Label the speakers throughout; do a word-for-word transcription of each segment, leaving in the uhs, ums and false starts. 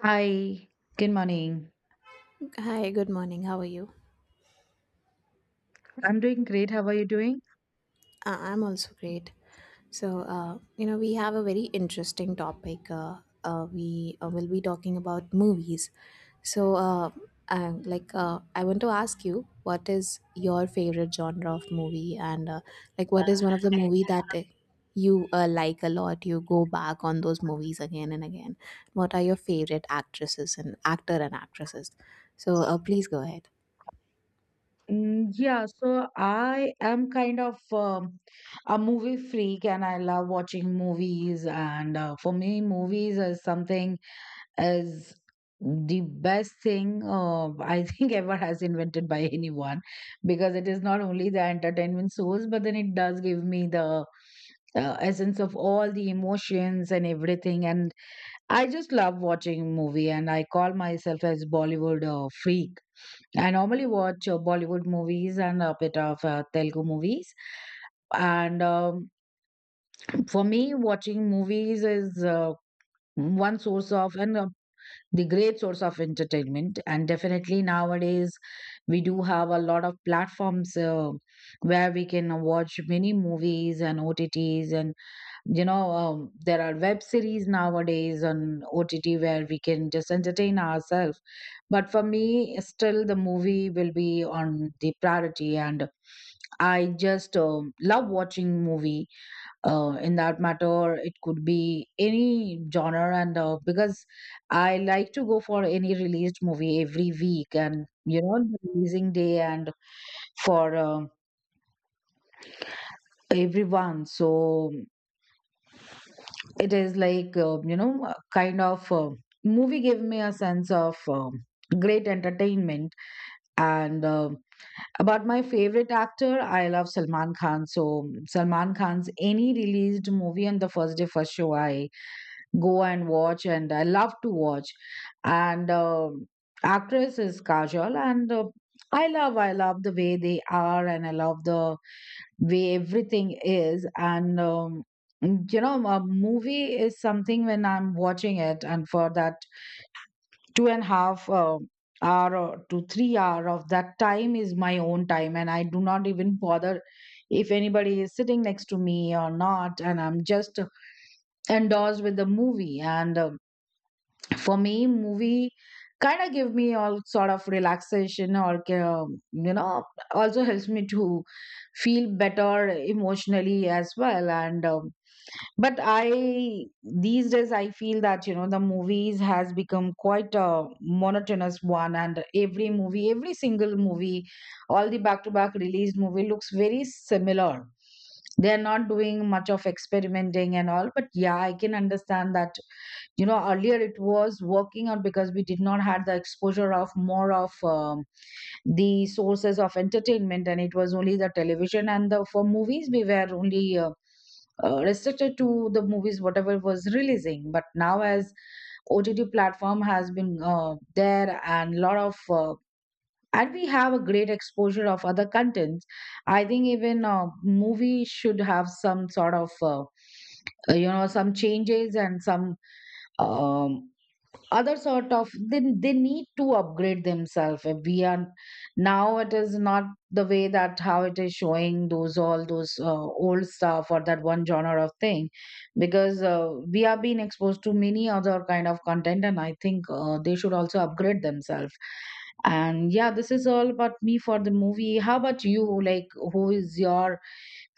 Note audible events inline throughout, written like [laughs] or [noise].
Speaker 1: Hi, good morning.
Speaker 2: Okay. Hi, good morning. How are you?
Speaker 1: I'm doing great. How are you doing?
Speaker 2: Uh, I'm also great. So, uh, you know, we have a very interesting topic. Uh, uh, we uh, will be talking about movies. So, uh, uh, like, uh, I want to ask you, what is your favorite genre of movie, and uh, like, what is one of the movie that uh, you uh, like a lot? You go back on those movies again and again. What are your favorite actresses and actor and actresses? So, uh, please go ahead.
Speaker 1: Mm, yeah, so I am kind of um, a movie freak, and I love watching movies. And uh, For me, movies is something is the best thing uh, I think [laughs] ever has invented by anyone, because it is not only the entertainment source, but then it does give me the uh, essence of all the emotions and everything. And I just love watching movie, and I call myself as Bollywood uh, freak. I normally watch uh, Bollywood movies and a bit of uh, Telugu movies. And um, [clears throat] for me, watching movies is uh, one source of and uh, the great source of entertainment. And definitely nowadays, we do have a lot of platforms uh, where we can watch many movies and O T Ts, and you know um, there are web series nowadays on ott where we can just entertain ourselves. But for me, still the movie will be on the priority, and I just um, love watching movie. Uh, in that matter, it could be any genre, and uh, because I like to go for any released movie every week, and you know, the releasing day and for um everyone. So it is like uh, you know, a kind of uh, movie gave me a sense of um, great entertainment. And um about my favorite actor, I love Salman Khan, so um, Salman Khan's any released movie on the first day first show, I go and watch, and I love to watch. And um actress is Kajol, and uh, i love i love the way they are, and I love the way everything is. And um, you know, a movie is something. When I'm watching it, and for that two and a half uh, hour or to three hour of that time is my own time, and I do not even bother if anybody is sitting next to me or not, and I'm just endorsed with the movie. And um, for me, movie kind of give me all sort of relaxation, or um, you know, also helps me to feel better emotionally as well. And um, but I, these days I feel that you know, the movies has become quite a monotonous one, and every movie, every single movie, all the back to back released movie looks very similar. They are not doing much of experimenting and all. But yeah, I can understand that you know, earlier it was working out because we did not had the exposure of more of um, the sources of entertainment, and it was only the television and the for movies we were only uh, uh, restricted to the movies whatever was releasing. But now as ott platform has been uh, there, and lot of uh, and we have a great exposure of other contents, I think even uh, movie should have some sort of uh, uh, you know, some changes and some um, other sort of they, they need to upgrade themselves. Uh, we are, now it is not the way that how it is showing those all those uh, old stuff or that one genre of thing, because uh, we are being exposed to many other kind of content, and I think uh, they should also upgrade themselves. And yeah, this is all about me for the movie. How about you? Like, who is your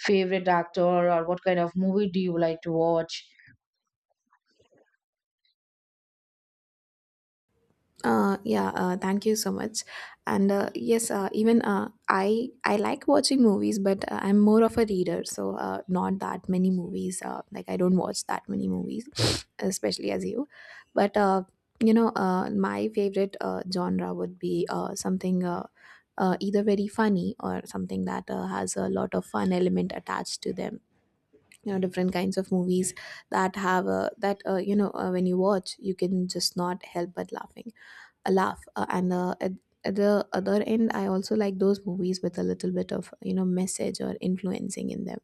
Speaker 1: favorite actor, or what kind of movie do you like to watch?
Speaker 2: Uh, yeah, uh, thank you so much. And uh, yes, uh, even uh, I I like watching movies, but uh, I'm more of a reader, so uh, not that many movies. Uh, like, I don't watch that many movies, [coughs] [sniffs] especially as you. But uh, you know, uh, my favorite uh, genre would be uh, something uh, uh, either very funny or something that uh, has a lot of fun element attached to them. You know, different kinds of movies that have uh, that uh, you know uh, when you watch, you can just not help but laughing laugh uh, and uh, at, at the other end, I also like those movies with a little bit of, you know message or influencing in them.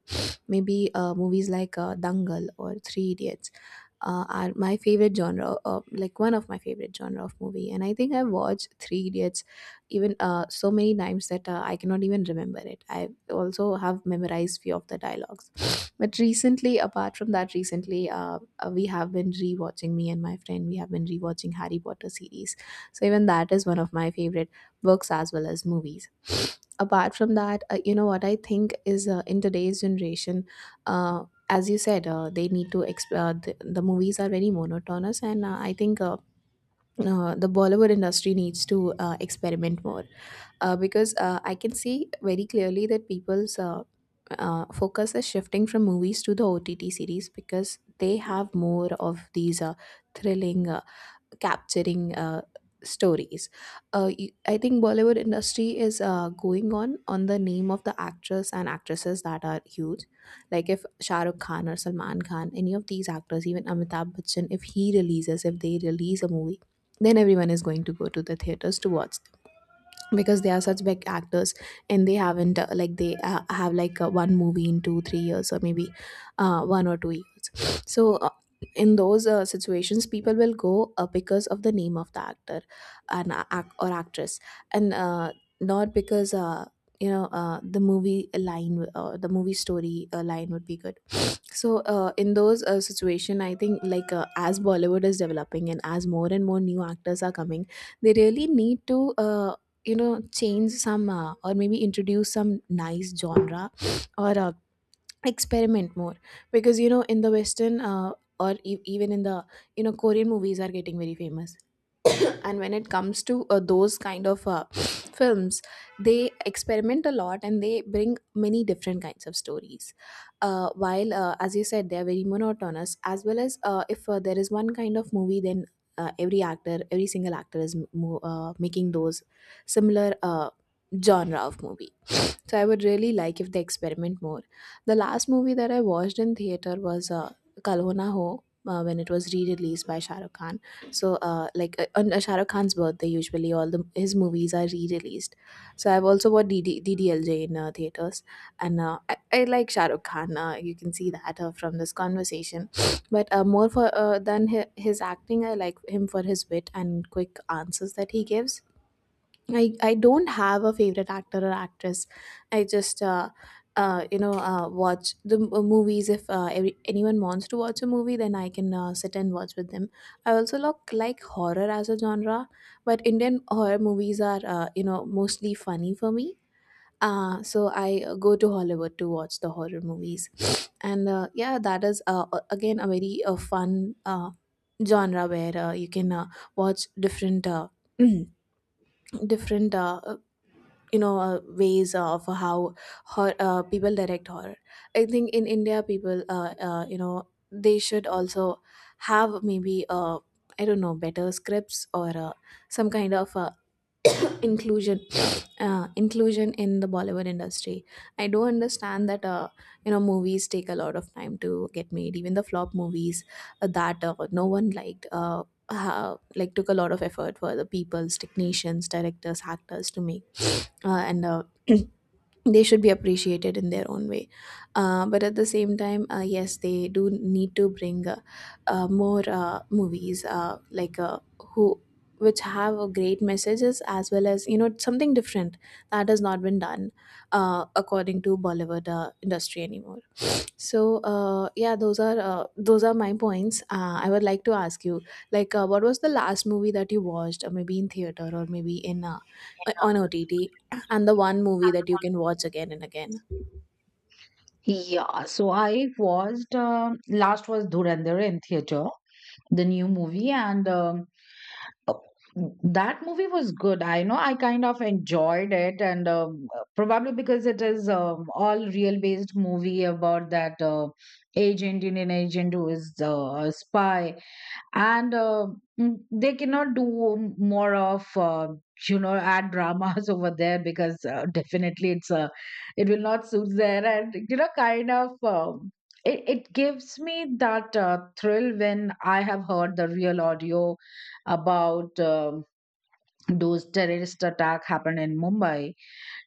Speaker 2: Maybe uh, movies like uh, Dangal or Three Idiots uh, are my favorite genre, uh, like one of my favorite genre of movie. And I think I've watched Three Idiots even uh, so many times that uh, I cannot even remember it. I also have memorized few of the dialogues. [laughs] [sniffs] But recently, apart from that, recently uh, uh, we have been rewatching, me and my friend. We have been rewatching Harry Potter series. So even that is one of my favorite books as well as movies. [gasps] [sniffs] Apart from that, uh, you know what I think is, uh, in today's generation. Uh, as you said, uh, they need to explore. The, the movies are very monotonous, and uh, I think uh, uh, the Bollywood industry needs to uh, experiment more, uh, because uh, I can see very clearly that people's uh, uh, focus is shifting from movies to the O T T series because they have more of these uh, thrilling, uh, capturing uh, stories. Uh, you- I think Bollywood industry is uh, going on on the name of the actors and actresses that are huge. Like if Shah Rukh Khan or Salman Khan, any of these actors, even Amitabh Bachchan, if he releases, if they release a movie, then everyone is going to go to the theaters to watch because they are such big actors, and they haven't uh, like they uh, have like uh, one movie in two three years, or maybe uh, one or two years. So uh, in those uh, situations, people will go uh, because of the name of the actor, and uh, ac- or actress, and uh, not because, uh, you know uh, the movie line uh, the movie story uh, line would be good. So uh, in those uh, situation, I think, like, uh, as Bollywood is developing and as more and more new actors are coming, they really need to uh, you know change some, uh, or maybe introduce some nice genre, [sniffs] or uh, experiment more. Because, you know, in the Western, uh, or e- even in the, you know Korean movies are getting very famous. And when it comes to uh, those kind of uh, [sniffs] films, they experiment a lot and they bring many different kinds of stories. Uh, while, uh, as you said, they're very monotonous, as well as, uh, if uh, there is one kind of movie, then uh, every actor, every single actor is mo- uh, making those similar uh, genre of movie. So I would really like if they experiment more. The last movie that I watched in theater was uh, Kal Ho Na Ho. Uh, when it was re-released by Shah Rukh Khan, so uh, like uh, on uh, Shah Rukh Khan's birthday, usually all the his movies are re-released. So I've also watched DD, D D L J in uh, theaters, and uh, I, I like Shah Rukh Khan. Uh, you can see that uh, from this conversation, [sniffs] but uh, more for uh, than his, his acting, I like him for his wit and quick answers that he gives. I, I don't have a favorite actor or actress. I just, uh, uh, you know, uh, watch the m- uh, movies. If uh, every, anyone wants to watch a movie, then I can uh, sit and watch with them. I also look, like, horror as a genre, but Indian horror movies are, uh, you know, mostly funny for me. Uh, so I uh, go to Hollywood to watch the horror movies. And uh, yeah, that is, uh, a- again, a very uh, fun uh, genre where uh, you can uh, watch different. Uh, [clears throat] different uh, you know uh, ways of how hor uh, people direct horror. I think in India, people uh, uh, you know they should also have, maybe, uh, I don't know, better scripts, or uh, some kind of uh, inclusion uh, inclusion in the Bollywood industry. I do understand that, uh, you know movies take a lot of time to get made, even the flop movies uh, that uh, no one liked uh, ha- like, took a lot of effort for the people's, technicians, directors, actors to make, uh, and uh, [clears throat] they should be appreciated in their own way. Uh, but at the same time, uh, yes, they do need to bring uh, uh, more uh, movies, uh, like uh, who which have a great messages, as well as, you know, something different that has not been done, uh, according to Bollywood uh, industry anymore. So uh, yeah, those are uh, those are my points. Uh, I would like to ask you, like, uh, what was the last movie that you watched, uh, maybe in theater, or maybe in uh, on O T T, and the one movie that you can watch again and again?
Speaker 1: Yeah, so I watched um last was Dhurandhar in theater, the new movie, and um, uh, that movie was good. I know I kind of enjoyed it, and um, uh, probably because it is um, all real based movie about that uh, agent, Indian agent who is uh, a spy, and uh, mm, they cannot do more of uh, you know, add dramas [laughs] over there, because uh, definitely it's a, it will not suit there, and you know, kind of um, it, it gives me that uh, thrill. When I have heard the real audio about um, those terrorist attack happened in Mumbai,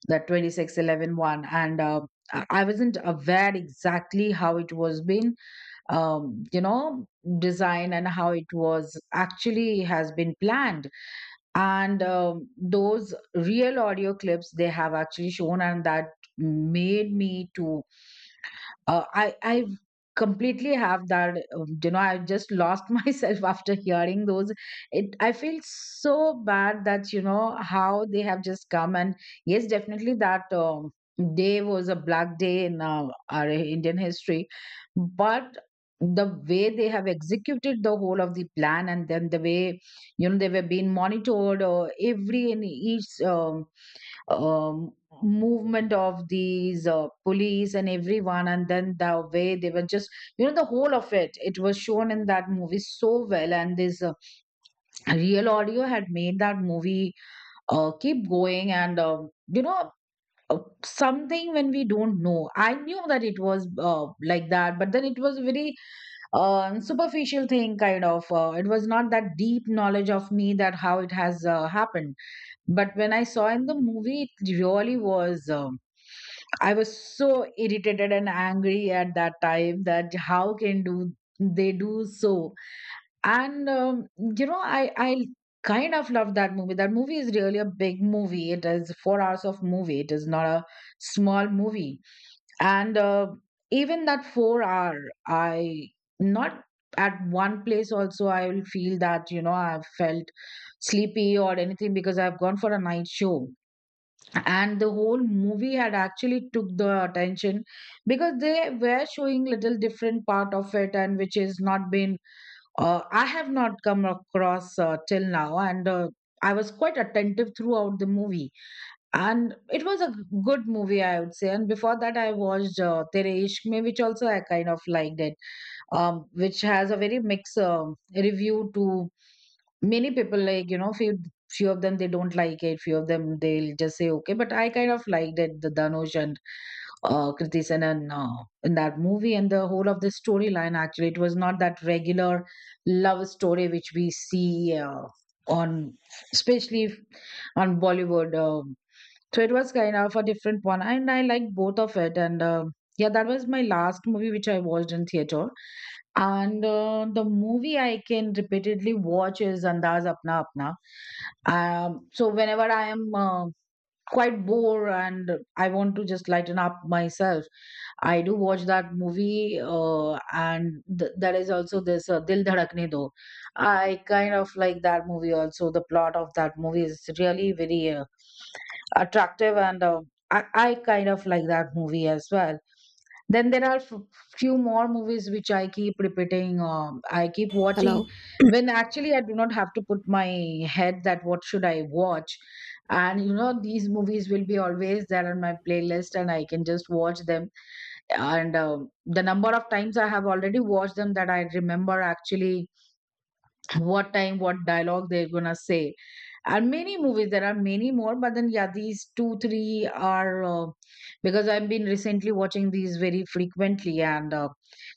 Speaker 1: the twenty six eleven one, and uh, i I wasn't aware exactly how it was being um, you know, design and how it was actually has been planned. And um, those real audio clips they have actually shown, and that made me to uh, I I completely have that. um, You know, I just lost [laughs] myself after hearing those. It, I feel so bad that you know, how they have just come. And yes, definitely that um, day was a black day in uh, our Indian history. But the way they have executed the whole of the plan, and then the way you know, they were being monitored, or every and each. Um, um, movement of these uh, police and everyone, and then the way they were just, you know, the whole of it, it was shown in that movie so well, and this uh, real audio had made that movie uh, keep going. And um, you know uh, something when we don't know, I knew that it was uh, like that, but then it was a very um superficial thing, kind of uh, it was not that deep knowledge of me that how it has uh, happened. But when I saw in the movie, it really was, um I was so irritated and angry at that time that how can do they do so? And um, you know, I I kind of love that movie. That movie is really a big movie. It is four hours of movie. It is not a small movie. And uh, even that four hour, I, not at one place also I will feel that you know, I've felt sleepy or anything, because I've gone for a night show, and the whole movie had actually took the attention, because they were showing little different part of it, and which is not been uh, I have not come across uh, till now. And uh, I was quite attentive throughout the movie, and it was a good movie, I would say. And before that, I watched uh, Tere Ishq Mein, which also I kind of liked it, um, which has a very mixed um review. To many people, like, you know, few few of them they don't like it, few of them they'll just say okay. But I kind of liked it, the Dhanush and uh Kriti Sanon, uh, in that movie, and the whole of the storyline, actually, it was not that regular love story which we see uh, on, especially if- on Bollywood. Um so it was kind of a different one, and I liked both of it. And um yeah, that was my last movie which I watched in theater. And uh, the movie I can repeatedly watch is Andaz Apna Apna. Um, so whenever I am uh, quite bored, and I want to just lighten up myself, I do watch that movie. Uh, and th- there is also this uh, Dil Dhadakne Do. I kind of like that movie also. The plot of that movie is really very uh, attractive, and uh, I-, I kind of like that movie as well. Then there are f- few more movies which I keep repeating. Um, I keep watching
Speaker 2: Hello.
Speaker 1: when actually I do not have to put my head that what should I watch, and you know, these movies will be always there on my playlist, and I can just watch them. And um, the number of times I have already watched them, that I remember actually what time what dialogue they're gonna say. And many movies, there are many more, but then yeah, these two three are uh, because I've been recently watching these very frequently. And uh,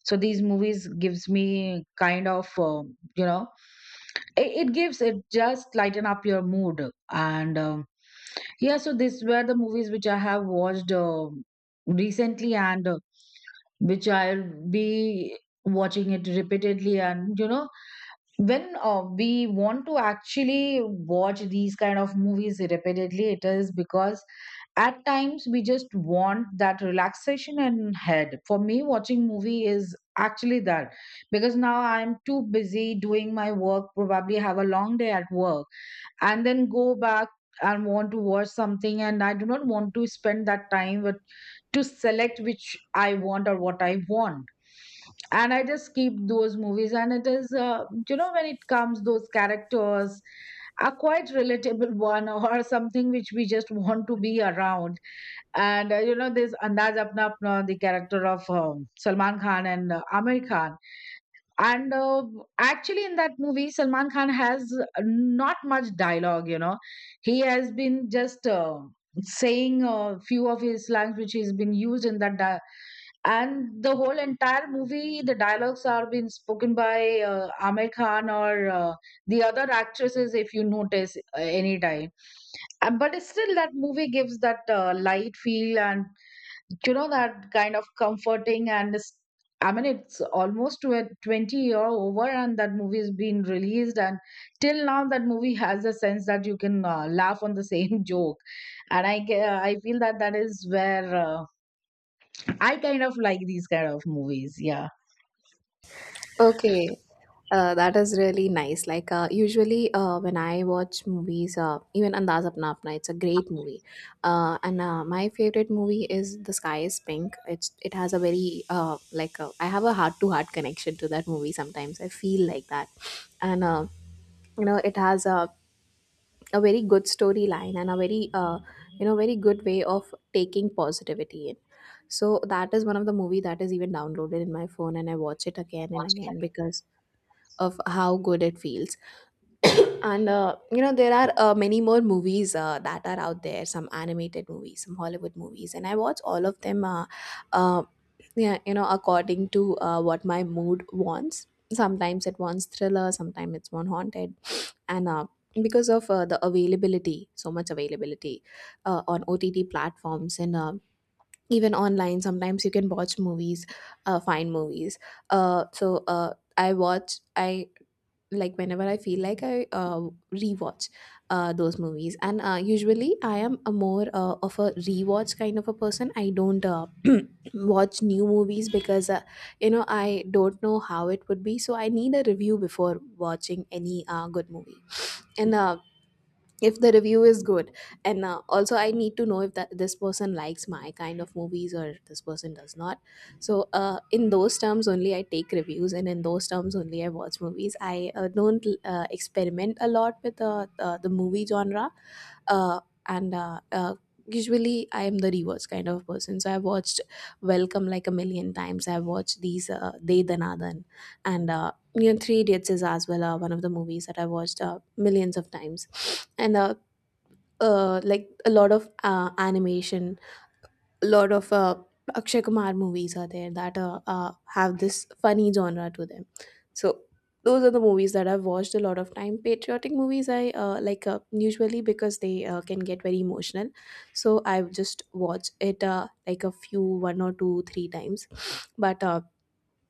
Speaker 1: so these movies gives me kind of uh, you know, it, it gives, it just lighten up your mood. And um yeah, so these were the movies which I have watched uh, recently, and uh, which I'll be watching it repeatedly. And you know, when uh, we want to actually watch these kind of movies repeatedly, it is because at times we just want that relaxation, and head for me, watching movie is actually that. Because now I'm too busy doing my work, probably have a long day at work, and then go back, and want to watch something, and I do not want to spend that time with to select which I want or what I want. And I just keep those movies, and it is uh, you know, when it comes, those characters are quite relatable [laughs] one, or something which we just want to be around. And uh, you know, this Andaz Apna Apna, the character of um, Salman Khan and uh, Amir Khan, and uh, actually, in that movie, Salman Khan has not much dialogue, you know. He has been just uh, saying a few of his lines which he's been used in that. Di- and the whole entire movie, the dialogues are being spoken by uh, Aamir Khan or uh, the other actresses, if you notice, uh, anytime. Uh, but still, that movie gives that uh, light feel, and you know, that kind of comforting, and it's- i mean it's almost to a twenty year over, and that movie has been released, and till now that movie has a sense that you can uh, laugh on the same [laughs] joke. And i ge- I feel that that is where uh, I kind of like these kind of movies. Yeah.
Speaker 2: Okay, uh, that is really nice. Like, uh, usually, uh, when I watch movies, uh, even Andaz Apna Apna, it's a great movie. Uh, and uh, my favorite movie is The Sky Is Pink. It's it has a very uh, like uh, I have a heart to heart connection to that movie. Sometimes I feel like that, and uh, you know, it has a a very good storyline and a very uh, you know very good way of taking positivity in. So that is one of the movie that is even downloaded in my phone, and I watch it again and again because of how good it feels. And uh, you know there are uh, many more movies uh, that are out there, some animated movies, some Hollywood movies, and I watch all of them uh, uh, yeah, you know, according to uh, what my mood wants. Sometimes it wants thriller, sometimes it's one haunted. And uh, because of uh, the availability so much availability uh, on OTT platforms, and uh, even online sometimes you can watch movies uh, find movies uh, So uh, I watch I like, whenever I feel like, I uh, rewatch uh, those movies. And uh, usually I am a more, uh, of a rewatch kind of a person. I don't uh, [clears throat] watch new movies because, uh, you know, I don't know how it would be, so I need a review before watching any uh, good movie. And uh, if the review is good, and uh, also I need to know if that this person likes my kind of movies or this person does not. So uh, in those terms only I take reviews, and in those terms only I watch movies. I uh, don't uh, experiment a lot with uh, uh, the movie genre, uh, and uh, uh, usually I am the reverse kind of person, so I've watched Welcome like a million times. I've watched these uh, they, Danadan, and uh, you know, Three Idiots is as well uh, one of the movies that I watched uh, millions of times, and uh, uh, like a lot of uh, animation, a lot of uh, Akshay Kumar movies are there that uh, uh, have this funny genre to them. So those are the movies that I've watched a lot of time. Patriotic movies I uh, like, uh, usually, because they uh, can get very emotional, so I just watch it uh, like a few, one or two three times, but. Uh,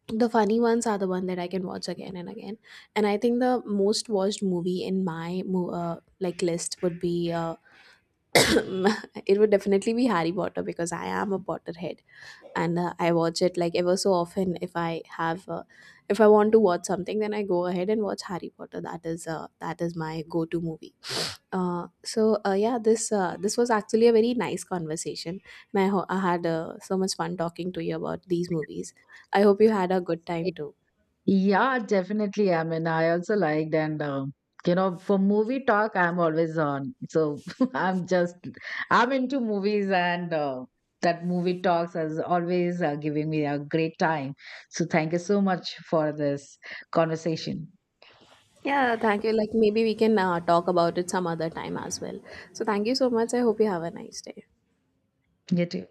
Speaker 2: The funny ones are the one that I can watch again and again. And I think the most watched movie in my mo- uh, like list would be uh, [coughs] it would definitely be Harry Potter, because I am a Potterhead, and uh, I watch it like ever so often. If I have uh, if I want to watch something, then I go ahead and watch Harry Potter. That is uh, that is my go to movie. Uh, so uh, yeah, this uh, this was actually a very nice conversation, and I, ho- I had uh, so much fun talking to you about these movies. I hope you had a good time too.
Speaker 1: Yeah, definitely. I mean, I also liked, and uh, you know, for movie talk, I'm always on. So [laughs] I'm just, I'm into movies, and uh, that movie talks is always uh, giving me a great time. So thank you so much for this conversation.
Speaker 2: Yeah, thank you. Like, maybe we can uh, talk about it some other time as well. So thank you so much. I hope you have a nice day.
Speaker 1: You too.